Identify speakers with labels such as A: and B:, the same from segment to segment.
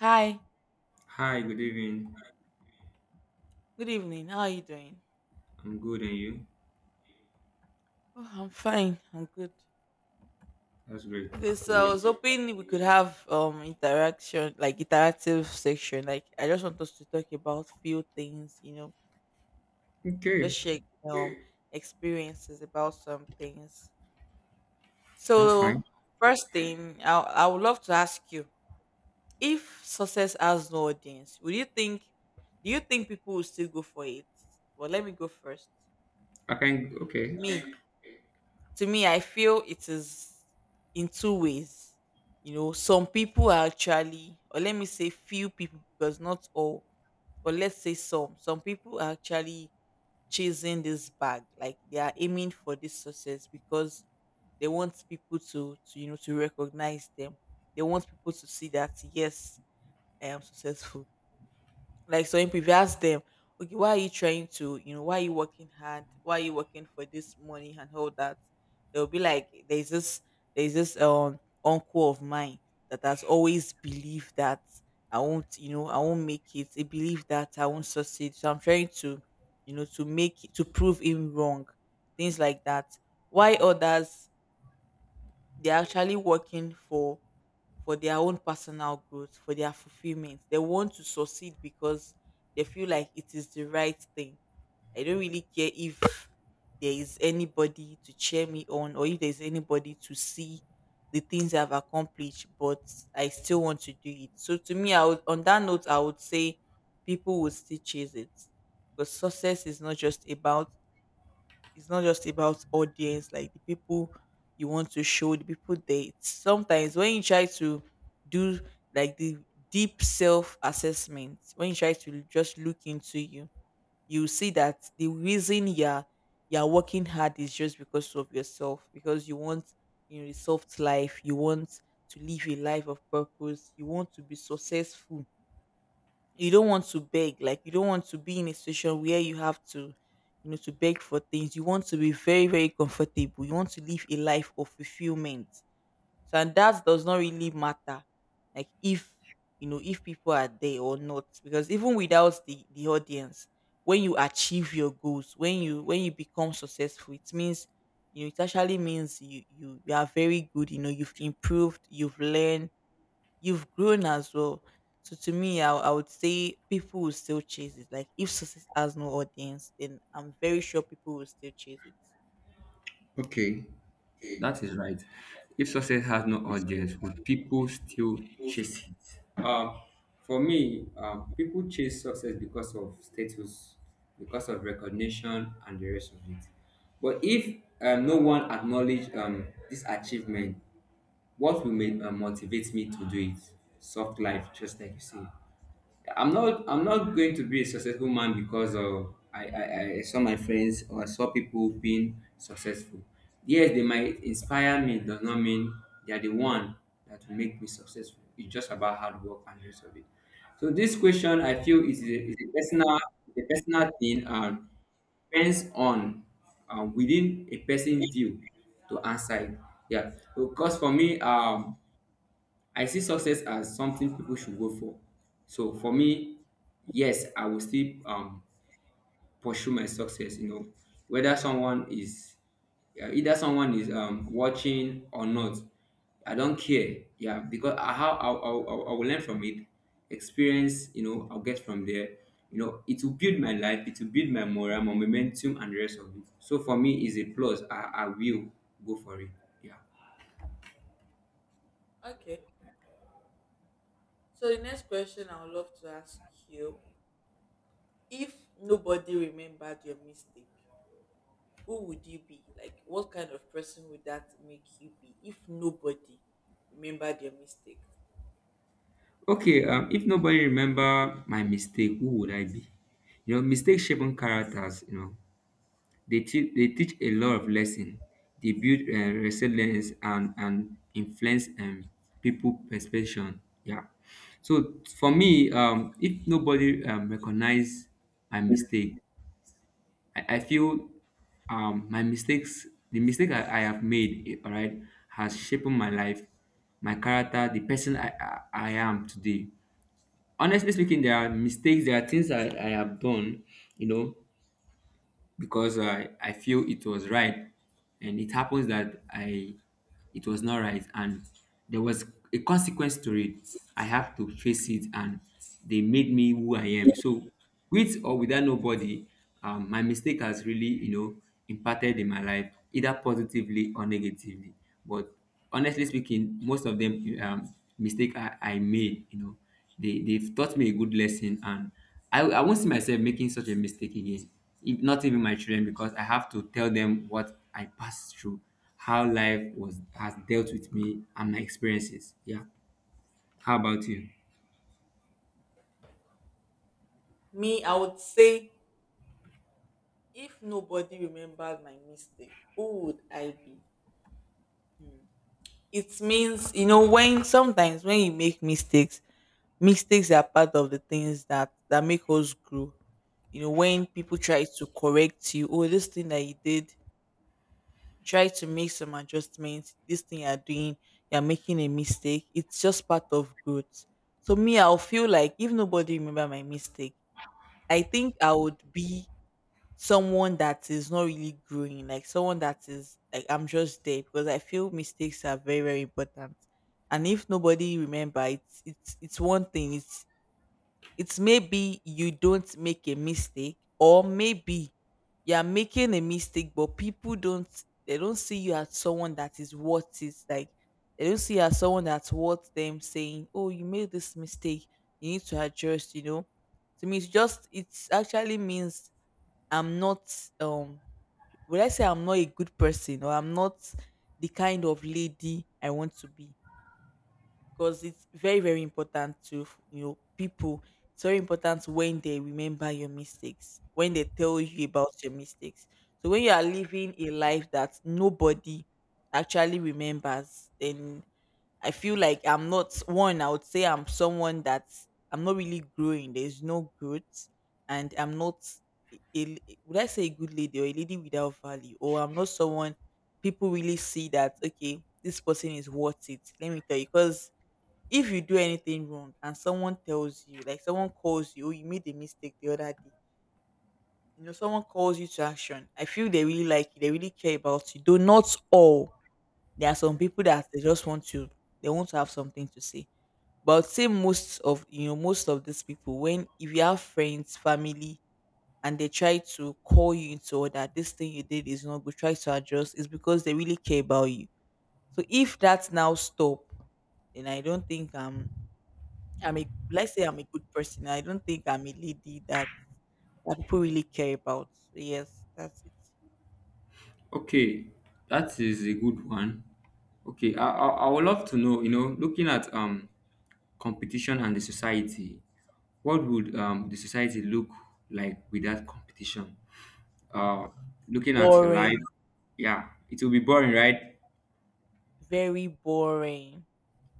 A: Hi,
B: Hi, good evening.
A: good evening. How are you doing?
B: I'm good, and you?
A: Oh, I'm fine. I'm good.
B: That's great
A: Okay,
B: to
A: so
B: hear.
A: I was hoping we could have interaction, like interactive section. Like I just want us to talk about few things, you know,
B: Okay,
A: just share um experiences about some things. So
B: that's fine.
A: first thing, I would love to ask you if success has no audience, would you think? Do you think people will still go for it? Well, let me go first.
B: I can. Okay,
A: Me, to me I feel it is in two ways, you know, some people are actually, or let me say few people because not all, but let's say some people are actually chasing this bag, like they are aiming for this success because they want people to you know to recognize them. They want people to see that yes, I am successful. Like so if you ask them, okay, why are you trying to, you know, why are you working hard, why are you working for this money and all that? They'll be like, there's this uncle of mine that has always believed that I won't, you know, I won't make it. He believed that I won't succeed, so I'm trying to, you know, to make it, to prove him wrong, things like that. Why others, they're actually working for their own personal growth, for their fulfillment. They want to succeed because they feel like it is the right thing. I don't really care if there is anybody to cheer me on, or if there's anybody to see the things I've accomplished, but I still want to do it. So to me I would, on that note I would say people will still chase it, because success is not just about, it's not just about audience, like the people you want to show, the people, they sometimes when you try to do, like the deep self assessment, when you try to just look into you, you see that the reason you're working hard is just because of yourself, because you want, you know, a soft life, you want to live a life of purpose, you want to be successful, you don't want to beg, like you don't want to be in a situation where you have to, you know, to beg for things. You want to be very very comfortable, you want to live a life of fulfillment. So and that does not really matter, like if, you know, if people are there or not, because even without the audience, when you achieve your goals, when you become successful, it means, you know, it actually means you, you are very good. You know, you've improved, you've learned, you've grown as well. So to me, I would say people will still chase it. Like if success has no audience, then I'm very sure people will still chase it.
B: okay, that is right. If success has no audience, would people still chase it? For me, people chase success because of status, because of recognition, and the rest of it. But if no one acknowledge this achievement, what will motivate me to do it? Soft life, just like you say. I'm not going to be a successful man because of I saw my friends or I saw people being successful. Yes, they might inspire me, does not mean they are the one that will make me successful. It's just about hard work and rest of it. So this question I feel is is a personal thing and depends on within a person view to answer it. Yeah. Because for me, I see success as something people should go for. So for me, yes, I will still pursue my success. You know, whether someone is yeah, either someone is watching or not, I don't care. Yeah, because I how I will learn from it, experience. You know, I'll get from there. You know, it will build my life. It will build my morale, my momentum, and the rest of it. So for me, is a plus. I will go for it. Yeah.
A: Okay. So the next question I would love to ask you: if nobody remembered your mistake, who would you be? Like, what kind of person would that make you be? If nobody remembered your mistake,
B: Okay, if nobody remember my mistake, who would I be? You know, mistakes shaping characters. You know, they teach a lot of lesson. They build resilience and influence people perception. Yeah. So for me, if nobody recognize my mistake, I feel my mistakes, the mistake I have made, all right, has shaped my life, my character, the person I am today. Honestly speaking, there are mistakes, there are things I have done, you know, because I feel it was right, and it happens that I it was not right, and there was a consequence to it. I have to face it, and they made me who I am. So with or without nobody, my mistake has really, you know, impacted in my life either positively or negatively. But honestly speaking, most of them, mistake I made, you know, they they've taught me a good lesson, and I won't see myself making such a mistake again, if not even my children, because I have to tell them what I passed through, how life was, has dealt with me and my experiences. Yeah. How about you?
A: me, I would say, if nobody remembered my mistake, who would I be? Hmm. It means, you know, when sometimes when you make mistakes, mistakes are part of the things that make us grow. You know, when people try to correct you, oh, this thing that you did, try to make some adjustments, this thing you're doing, you're making a mistake, it's just part of growth. So me, I'll feel like if nobody remember my mistake, I think I would be someone that is not really growing, like someone that is, like I'm just there, because I feel mistakes are very very important. And if nobody remember, it's it's one thing. It's maybe you don't make a mistake, or maybe you are making a mistake, but people don't, they don't see you as someone that is worth it. Like they don't see you as someone that's worth them saying, "Oh, you made this mistake. You need to adjust." You know, to me, it's just, it's actually means I'm not, um would I say I'm not a good person, or I'm not the kind of lady I want to be, because it's very very important to, you know, people, it's very important when they remember your mistakes, when they tell you about your mistakes. So when you are living a life that nobody actually remembers, then I feel like I'm not one. I would say I'm someone that's, I'm not really growing. There's no growth, and I'm not a, would I say a good lady, or a lady without value, or I'm not someone people really see that, okay, this person is worth it, let me tell you. Because if you do anything wrong and someone tells you, like someone calls you, oh, you made a mistake the other day, you know, someone calls you to action, I feel they really like you. They really care about you. Though not all. There are some people that they just want to. They want to have something to say. But I would say most of, you know, most of these people, when, if you have friends, family, and they try to call you into order, this thing you did is not good, try to adjust, is because they really care about you. So if that's now stop, then I don't think I'm a, let's say I'm a good person. I don't think I'm a lady that that people really care about. So yes, that's it.
B: Okay, that is a good one. Okay, I would love to know, you know, looking at competition and the society, what would the society look like without competition, uh looking at your life.
A: Boring,
B: Yeah, it will be boring, right?
A: very boring.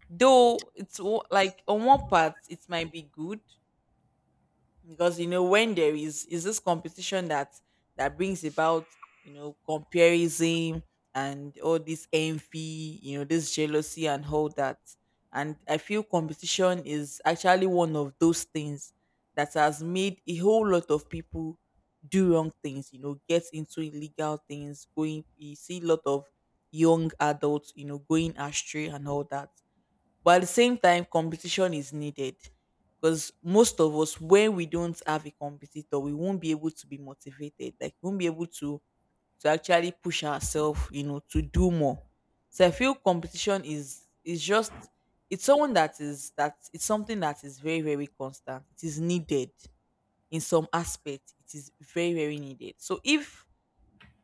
A: Though it's like on one part it might be good, because, you know, when there is this competition that that brings about, you know, comparison and all this envy, you know, this jealousy and all that. And I feel competition is actually one of those things that has made a whole lot of people do wrong things, you know, get into illegal things. Going, you see a lot of young adults, you know, going astray and all that. But at the same time competition is needed, because most of us, when we don't have a competitor, we won't be able to be motivated, like we won't be able to actually push ourselves, you know, to do more. So I feel competition is just, it's someone that is that, it's something that is very very constant, it is needed in some aspect. It is very very needed. So if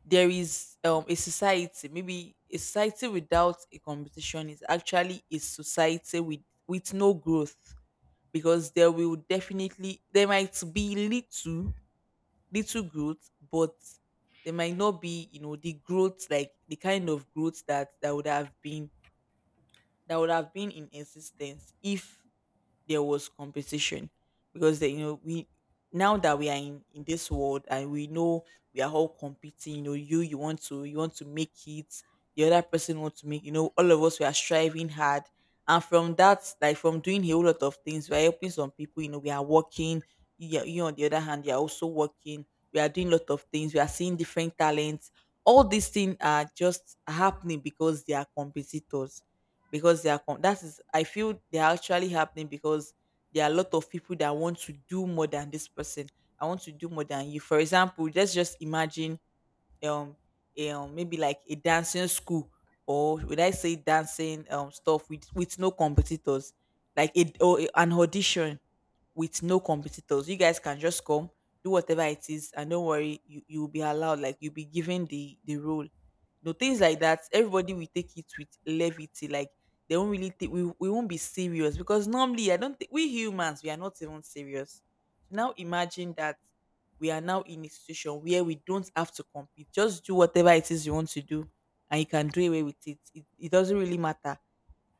A: there is a society, maybe a society without a competition, is actually a society with no growth. Because there will definitely, there might be little little growth, but there might not be, you know, the growth, like the kind of growth that that would have been, that would have been in existence if there was competition. Because they, you know, we, now that we are in this world and we know we are all competing, you know, you want to, you want to make it, the other person wants to make, you know, all of us we are striving hard. And from that, like from doing a whole lot of things, we are helping some people, you know, we are working, you, you on the other hand you are also working, we are doing a lot of things, we are seeing different talents. All these things are just happening because they are competitors, because they are that is, I feel they are actually happening because there are a lot of people that want to do more than this person. I want to do more than you. For example, let's just imagine um a, maybe like a dancing school, or would I say dancing stuff with no competitors, like a, or an audition with no competitors. You guys can just come, do whatever it is, and don't worry, you will be allowed. Like you'll be given the role. You know, things like that. Everybody will take it with levity. Like they won't really take, we won't be serious, because normally I don't think we humans we are not even serious. So now imagine that we are now in a situation where we don't have to compete. Just do whatever it is you want to do, and you can do away with it. It doesn't really matter,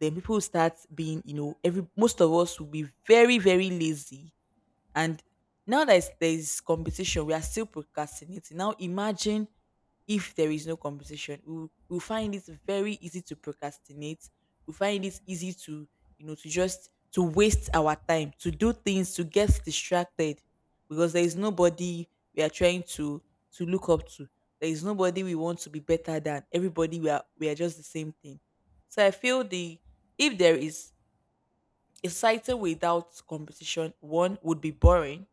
A: then people start being, you know, every, most of us will be very, very lazy. And now that there is competition, we are still procrastinating. Now imagine if there is no competition, we we will find it very easy to procrastinate. We find it easy to, you know, to just to waste our time, to do things, to get distracted, because there is nobody we are trying to look up to. There is nobody we want to be better than. Everybody we are just the same thing. So I feel the if there is a society without competition, one would be boring,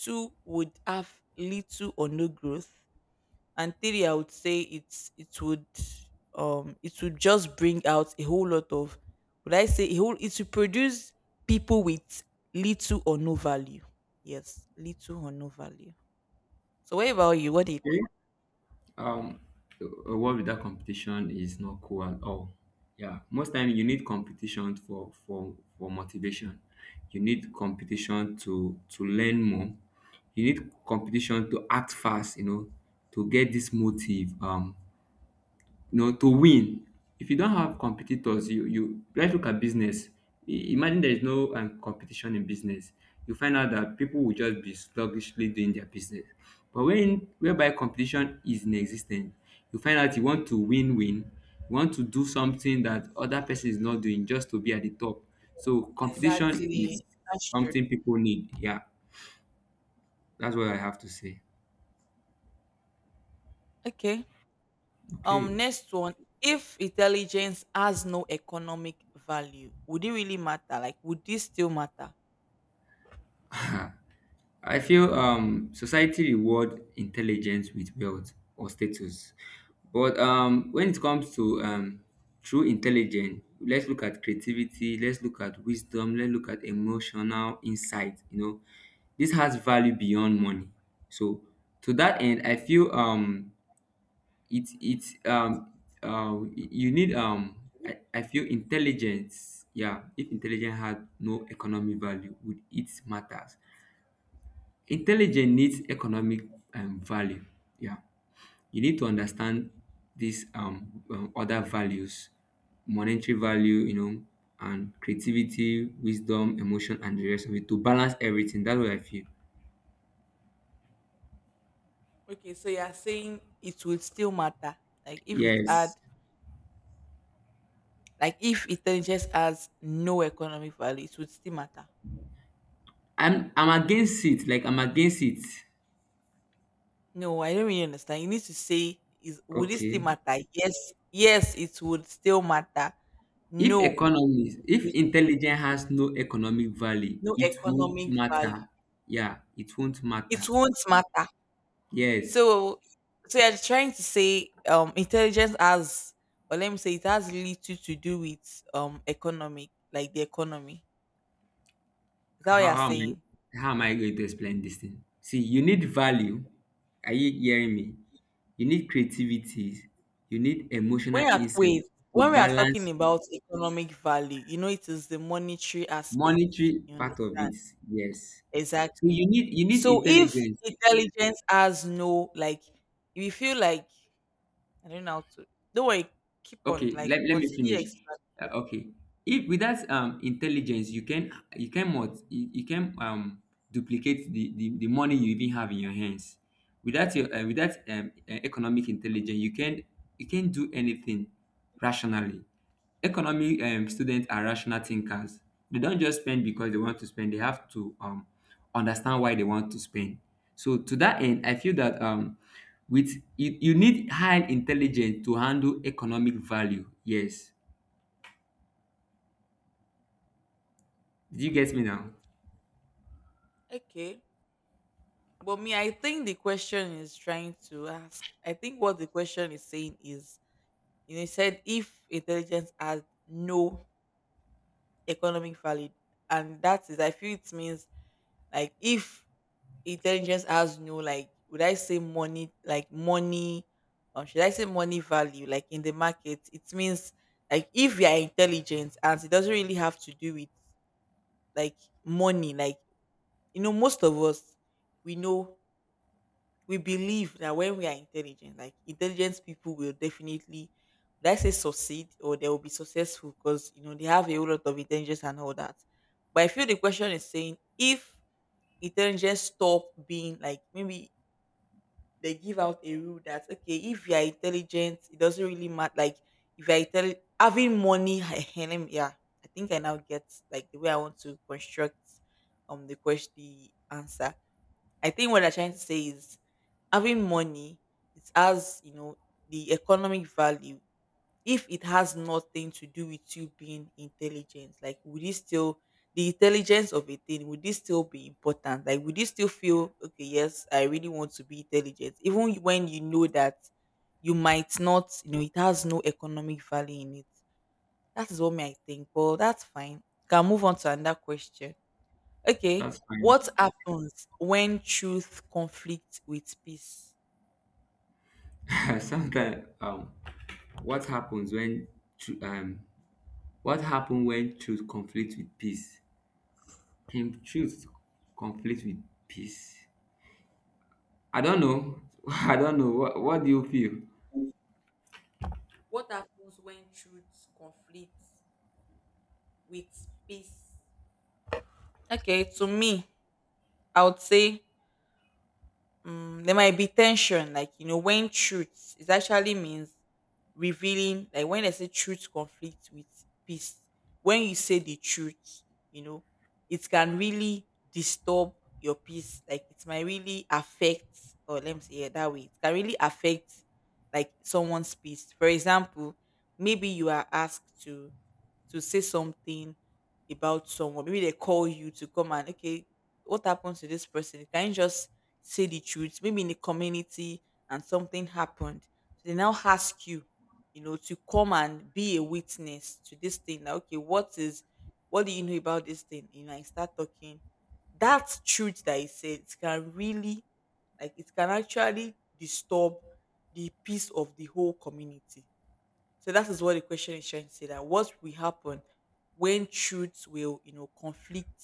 A: two would have little or no growth, and three, I would say it would just bring out a whole lot of, would I say a whole it would produce people with little or no value. Yes, little or no value. So what about you? What do you
B: Okay.
A: think?
B: Um, a world without competition is not cool at all. Yeah, most time you need competition for motivation. You need competition to learn more. You need competition to act fast. You know, to get this motive. You know, to win. If you don't have competitors, you let's look at business. Imagine there is no competition in business. You find out that people will just be sluggishly doing their business. But when whereby competition is in existence, you find out you want to win, you want to do something that other person is not doing just to be at the top. So competition is
A: Exactly. That's true.
B: something people need. Yeah, that's what I have to say.
A: Okay.
B: Okay.
A: Next one. If intelligence has no economic value, would it really matter? Like, would this still matter?
B: I feel society reward intelligence with wealth or status, but when it comes to true intelligence, let's look at creativity, let's look at wisdom, let's look at emotional insight. You know, this has value beyond money. So to that end, I feel it it's you need I feel intelligence. Yeah, if intelligence had no economic value, would it matter? Intelligence needs economic value. Yeah, you need to understand these other values, monetary value, you know, and creativity, wisdom, emotion, and the rest of it to balance everything. That's what I feel.
A: Okay, so you are saying it would still matter. Like, if it's had,
B: Yes,
A: if intelligence has no economic value, it would still matter.
B: I'm against it. Like I'm against it.
A: No, I don't really understand. You need to say is, would it still
B: Okay.
A: matter? Yes, yes, it would still matter.
B: If
A: No,
B: economy, if
A: with
B: intelligence has no economic value,
A: no
B: it won't
A: economic value.
B: matter. Yeah, it won't
A: It
B: matter.
A: won't matter.
B: Yes.
A: So so you're trying to say, intelligence has, or let me say, it has little to do with, economic, like, the economy. Is that what you're
B: How am
A: saying?
B: I going to explain this thing? See, you need value. Are you hearing me? You need creativity. You need emotional
A: When you're,
B: insight
A: wait,
B: to
A: when we are talking
B: balance
A: about economic value, you know, it is the monetary
B: monetary
A: aspects. You
B: part of
A: understand?
B: it. Yes. So
A: Exactly.
B: you need
A: So if
B: intelligence.
A: intelligence has no, like, if you feel like, I don't know how to, don't worry, keep on,
B: Okay,
A: like,
B: let me
A: continue
B: finish.
A: exploring.
B: uh, okay if with that intelligence you can you can duplicate the money you even have in your hands, without your without economic intelligence, you can do anything rationally. Economic students are rational thinkers, they don't just spend because they want to spend, they have to understand why they want to spend. So to that end, I feel that with you, you need high intelligence to handle economic value. Yes. Did you get me now?
A: Okay. But me, I think the question is trying to ask. I think what the question is saying is, you know, it said if intelligence has no economic value, and that is, I feel it means, like, if intelligence has no, like, would I say money, like money, or should I say money value, like, in the market, it means, like, if you are intelligent and it doesn't really have to do with, like, money, like, you know, most of us we know, we believe that when we are intelligent, like, intelligent people will definitely, would I say, succeed, or they will be successful because, you know, they have a whole lot of intelligence and all that. But I feel the question is saying, if intelligence stop being like, maybe they give out a rule that, okay, if you are intelligent, it doesn't really matter. Like, if you're intelligent, having money, eh, let me- yeah, I think I now get, like, the way I want to construct, the question, the answer. I think what I'm trying to say is, having money, it has, you know, the economic value. If it has nothing to do with you being intelligent, like, would it still, the intelligence of a thing, would this still be important? Like, would you still feel, okay, yes, I really want to be intelligent even when you know that you might not, you know, it has no economic value in it. That is what, me, I think. But that's fine. Can move on to another question. Okay.
B: That's fine.
A: What happens when truth conflicts with peace?
B: Sometimes, what happens tru- um, what happen when truth conflicts with peace? Can truth conflict with peace? I don't know. I don't know. What do you feel?
A: What happens when truth conflicts with peace? Okay, to me, I would say, there might be tension. Like, you know, when truth, it actually means revealing. Like, when I say truth conflicts with peace, when you say the truth, you know, it can really disturb your peace. Like, it might really affect, or let me say it that way, it can really affect, like, someone's peace. For example, maybe you are asked to say something about someone. Maybe they call you to come, and, okay, what happened to this person? Can you just say the truth, maybe in the community, and something happened. So they now ask you, you know, to come and be a witness to this thing. Like, okay, what do you know about this thing? You know, I start talking. That truth that he said, it can really, like, it can actually disturb the peace of the whole community. So that is what the question is trying to say, that what will happen when truth will, you know, conflict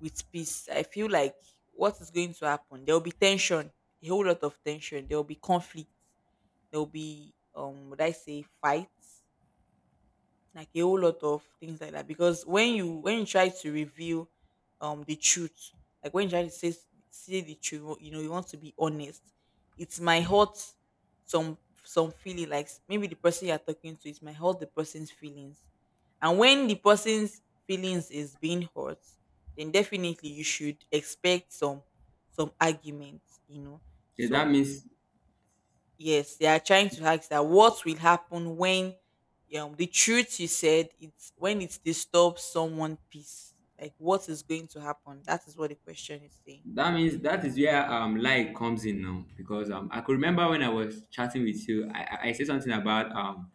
A: with peace. I feel like, what is going to happen? There will be tension, a whole lot of tension. There will be conflict. There will be, would I say, fights, like a whole lot of things like that. Because when you, try to reveal the truth, like, when you try to say the truth, you know, you want to be honest, it might hurt some some feeling, like, s- maybe the person you're talking to, it might hurt the person's feelings. And when the person's feelings is being hurt, then definitely you should expect some arguments, you know,
B: Yeah, that
A: some.
B: means.
A: Yes, they are trying to ask, that what will happen when the truth you said, it's when it disturbs someone peace. Like, what is going to happen? That is what the question is saying.
B: That means that is where lie comes in now, because I could remember when I was chatting with you, I said something about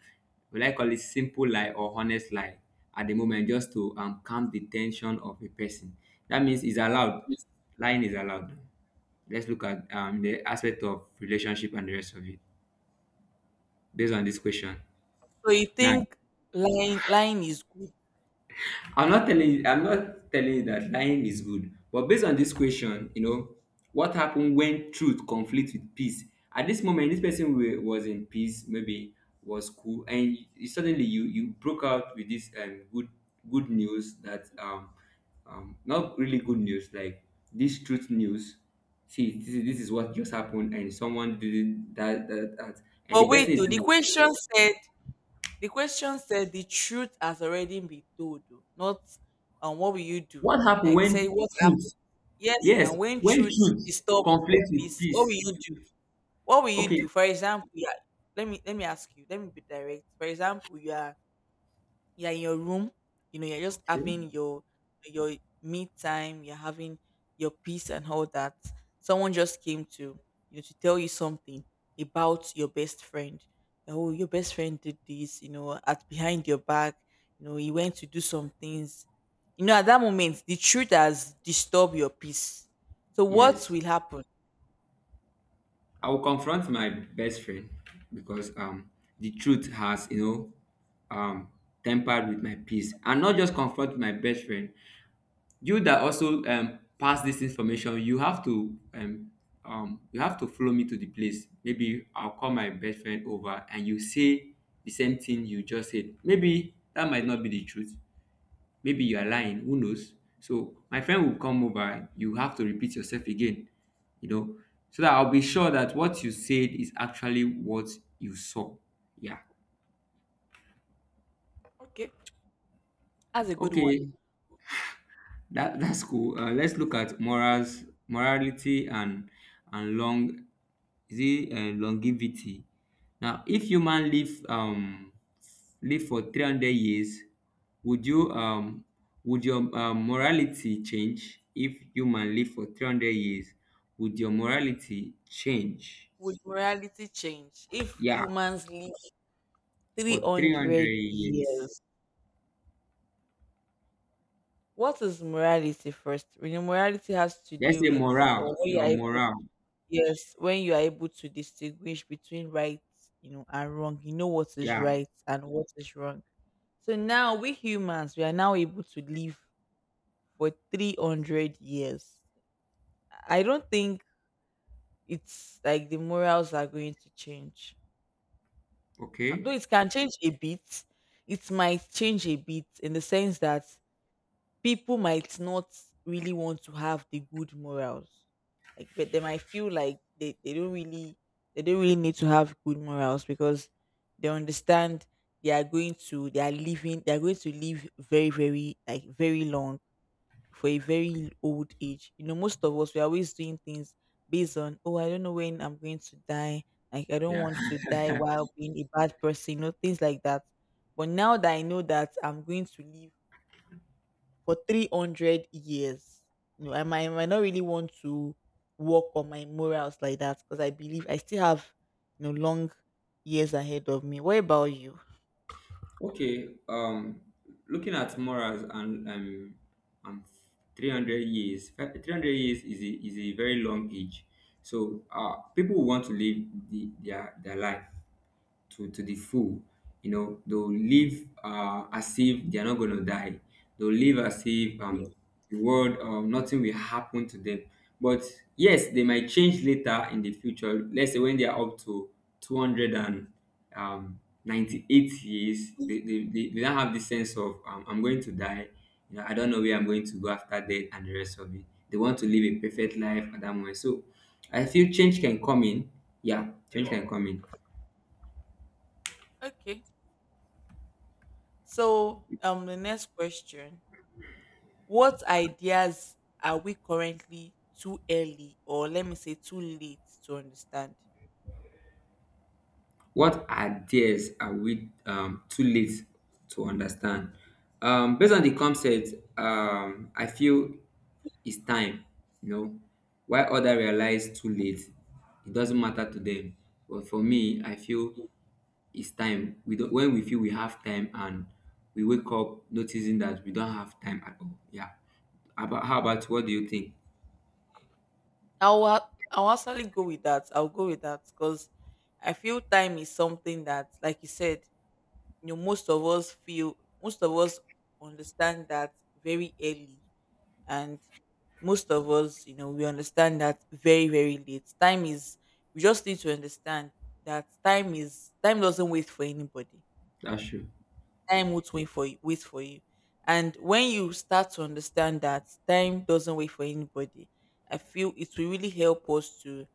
B: will I call it simple lie or honest lie at the moment just to calm the tension of a person. That means it's allowed. Lying is allowed. Let's look at the aspect of relationship and the rest of it based on this question.
A: So you
B: Now,
A: think lying is good.
B: I'm not telling you that lying is good, but based on this question, you know, what happened when truth conflicts with peace? At this moment, this person was in peace, maybe was cool, and suddenly you broke out with this good news that not really good news, like this truth news. See, this is what just happened, and someone did it, that, and the
A: But wait
B: person is
A: though, the
B: like,
A: question said, the truth has already been told, though. Not what will you do?
B: what happened
A: Like, say
B: when
A: what happened?
B: truth?
A: Yes,
B: Yes,
A: now when
B: when
A: truth
B: truth
A: disturbs your
B: conflicts with
A: peace, what will
B: peace.
A: you do? What will you
B: Okay.
A: do? For example, yeah. Let me ask you. Let me be direct. For example, you are in your room. You know, you're just
B: Okay.
A: having your me time. You're having your peace and all that. Someone just came to, you know, to tell you something about your best friend. Oh, your best friend did this. You know, at behind your back. You know, he went to do some things. You know, at that moment, the truth has disturbed your peace. So what
B: Yes.
A: will happen?
B: I will confront my best friend because the truth has, you know, tempered with my peace. And not just confront my best friend. You that also pass this information, you have to follow me to the place. Maybe I'll call my best friend over and you say the same thing you just said. Maybe that might not be the truth. Maybe you are lying. Who knows? So my friend will come over. You have to repeat yourself again, you know, so that I'll be sure that what you said is actually what you saw. Yeah.
A: Okay, that's a good one.
B: Okay. That that's cool. Let's look at morals, morality, and long is it longevity. Now, if human live for 300 years, would you would your morality change if human live for 300 years? Would your morality change?
A: Would morality change if
B: Yeah,
A: humans live
B: for three
A: 300
B: hundred years.
A: years? What is morality first? Really, morality has to
B: Let's
A: do
B: say
A: with, or
B: morale.
A: when you are
B: Your
A: able,
B: morale.
A: yes, when you are able to distinguish between right, you know, and wrong. You know what is
B: Yeah.
A: right and what is wrong. So now we humans, we are now able to live for 300 years. I don't think it's like the morals are going to change. Though
B: Okay.
A: it can change a bit, it might change a bit in the sense that people might not really want to have the good morals. Like, but they might feel like they don't really need to have good morals because they understand they are going to live very very, like, very long for a very old age. You know, most of us we are always doing things based on, oh, I don't know when I'm going to die. Like, I don't
B: Yeah.
A: want to die while being a bad person, you know, things like that. But now that I know that I'm going to live for 300 years, you know, I might not really want to work on my morals like that because I believe I still have, you know, long years ahead of me. What about you?
B: Okay, looking at morals and 300 years, 300 years is is a very long age. So, people want to live their life to the full. You know, they'll live as if they're not going to die. They'll live as if the world, nothing will happen to them. But yes, they might change later in the future. Let's say when they are up to 298 years, they don't have the sense of, I'm going to die. You know, I don't know where I'm going to go after death and the rest of it. They want to live a perfect life at that moment. So I feel change can come in. Yeah, change can come in.
A: Okay. So the next question, what ideas are we currently too early, or let me say too late, to understand?
B: What ideas are we too late to understand? Based on the concept, I feel it's time, you know, why others realize too late, it doesn't matter to them. But for me, I feel it's time. We don't, when we feel we have time, and we wake up noticing that we don't have time at all. Yeah. About how about what do you think?
A: I'll actually go with that. I'll go with that because I feel time is something that, like you said, you know, most of us understand that very early, and most of us, you know, we understand that very, very late. Time is, we just need to understand that time doesn't wait for anybody.
B: That's true.
A: Time won't wait for you, and when you start to understand that time doesn't wait for anybody, I feel it will really help us to,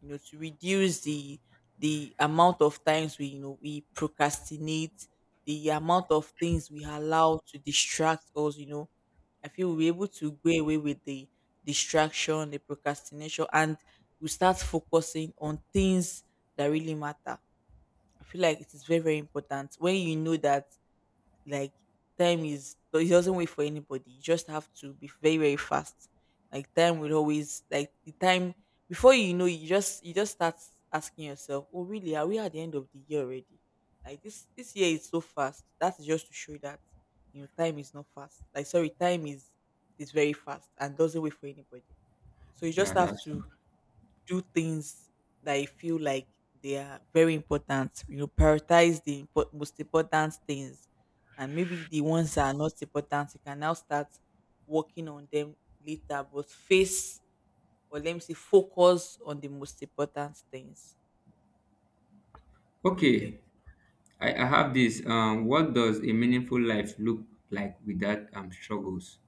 A: you know, to reduce the amount of times we you know we procrastinate, the amount of things we allow to distract us, you know. I feel we're able to go away with the distraction, the procrastination, and we start focusing on things that really matter. I feel like it is very, very important when you know that, like, time is, it doesn't wait for anybody. You just have to be very, very fast. Like, time will always, like, the time before you know, you just start asking yourself, oh really, are we at the end of the year already? Like, this year is so fast. That's just to show that, you know, time is not fast. Like, sorry, time is very fast and doesn't wait for anybody. So you just
B: Yeah,
A: have
B: that's
A: to
B: true.
A: do things that I feel like they are very important. You know, prioritize the most important things, and maybe the ones that are not important, you can now start working on them later. But face, or let me say, focus on the most important things.
B: Okay.
A: Okay.
B: I have this. What does a meaningful life look like without struggles?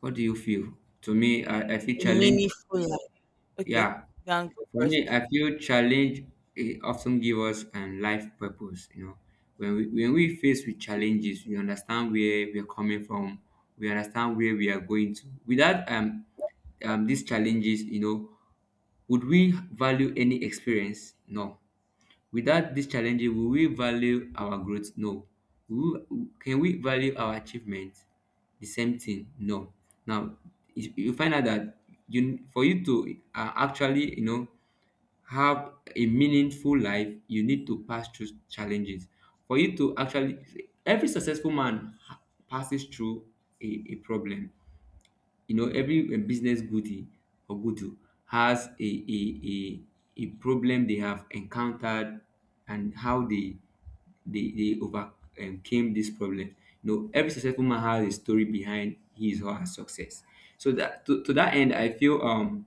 B: What do you feel? To me, I feel challenge.
A: Meaningful life. Okay,
B: Yeah,
A: you can go
B: for
A: first.
B: me, I feel challenge often give us life purpose. You know, when we face with challenges, we understand where we are coming from. We understand where we are going to. Without these challenges, you know, would we value any experience? No. Without these challenges, will we value our growth? No. Will we- can we value our achievement? The same thing? No. Now, you find out that you for you to actually, you know, have a meaningful life, you need to pass through challenges. For you to actually, every successful man passes through a problem. You know every business goodie or goodu has a problem they have encountered, and how they overcame this problem. You know every successful man has a story behind his or her success. So that to that end I feel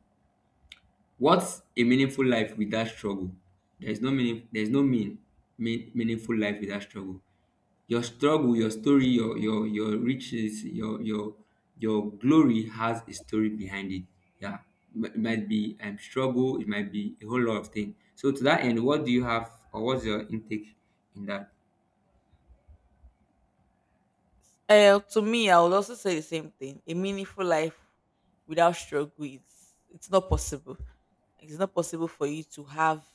B: What's a meaningful life without struggle? There is no meaning. There is no meaningful life without struggle. Your struggle, your
A: Yes.
B: story, your riches, your glory has a story behind it. Yeah, it might be struggle. It might be a whole lot of things. So to that end, what do you have, or what's your intake in that?
A: To me, I would also say the same thing. A meaningful life without struggle is, it's not possible. It's not possible for you to have,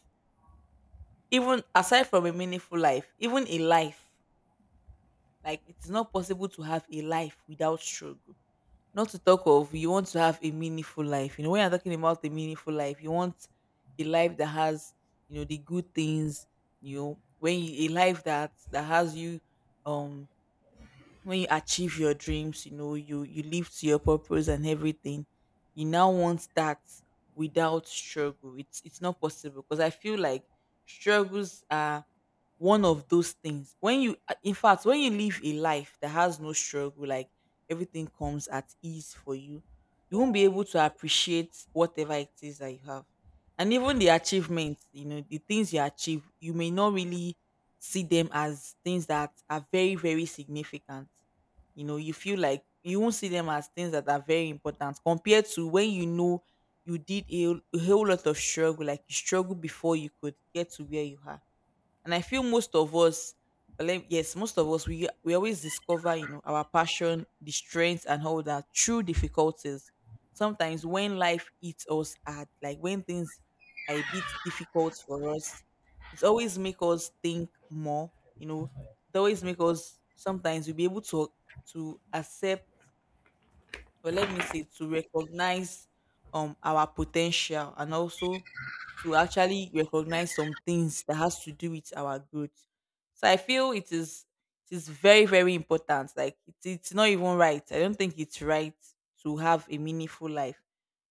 A: even aside from a meaningful life, even a life, like it's not possible to have a life without struggle. Not to talk of you want to have a meaningful life. You know, when you're talking about a meaningful life, you want a life that has, you know, the good things, you know, when you, a life that has you um when you achieve your dreams, you know, you live to your purpose and everything. You now want that without struggle. It's not possible, because I feel like struggles are one of those things. When you in fact, when you live a life that has no struggle, like everything comes at ease for you, you won't be able to appreciate whatever it is that you have. And even the achievements, you know, the things you achieve, you may not really see them as things that are very, very significant. You know, you feel like you won't see them as things that are very important, compared to when, you know, you did a whole lot of struggle, like you struggled before you could get to where you are. And I feel most of us, well, yes, most of us, we always discover, you know, our passion, the strength, and all that through difficulties. Sometimes when life hits us hard, like when things are a bit difficult for us, it always make us think more. You know, it always make us, sometimes we'll be able to accept, or let me say, to recognize our potential, and also to actually recognize some things that has to do with our growth. So I feel it is, it is very, very important. Like it's not even right. I don't think it's right to have a meaningful life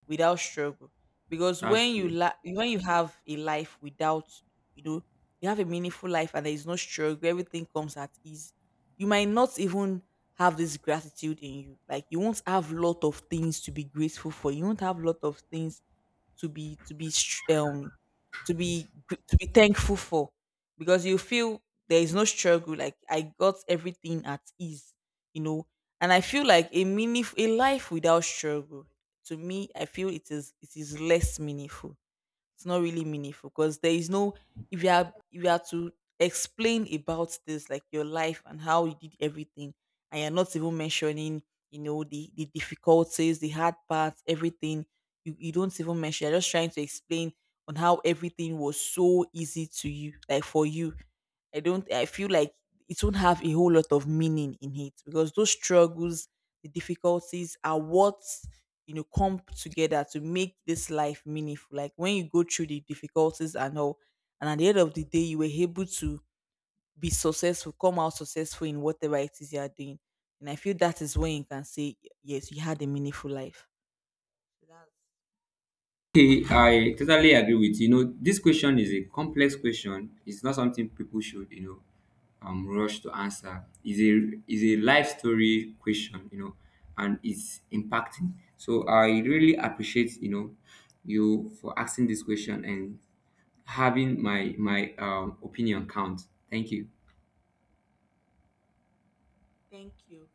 A: without struggle. Because
B: That's
A: when you when you have a life without, you know, you have a meaningful life and there is no struggle, everything comes at ease, you might not even have this gratitude in you. Like you won't have lot of things to be grateful for. You won't have lot of things to be to to be thankful for, because you feel there is no struggle. Like I got everything at ease, you know. And I feel like a meaningful, a life without struggle, to me, I feel it is, it is less meaningful. It's not really meaningful, because there is no, if you are, if you are to explain about this, like your life and how you did everything, and you're not even mentioning, you know, the difficulties, the hard parts, everything, you don't even mention, you're just trying to explain on how everything was so easy to you, like for you, I feel like it won't have a whole lot of meaning in it, because those struggles, the difficulties are what, you know, come together to make this life meaningful. Like when you go through the difficulties and all, and at the end of the day you were able to be successful, come out successful in whatever it is you are doing, and I feel that is when you can say yes, you had a meaningful life. that's,
B: Okay, I totally agree with you. You know, this question is a complex question. It's not something people should, you know, rush to answer. It's a is a life story question, you know, and it's impacting. So I really appreciate, you know, you for asking this question and having my my opinion count. Thank you.
A: Thank you.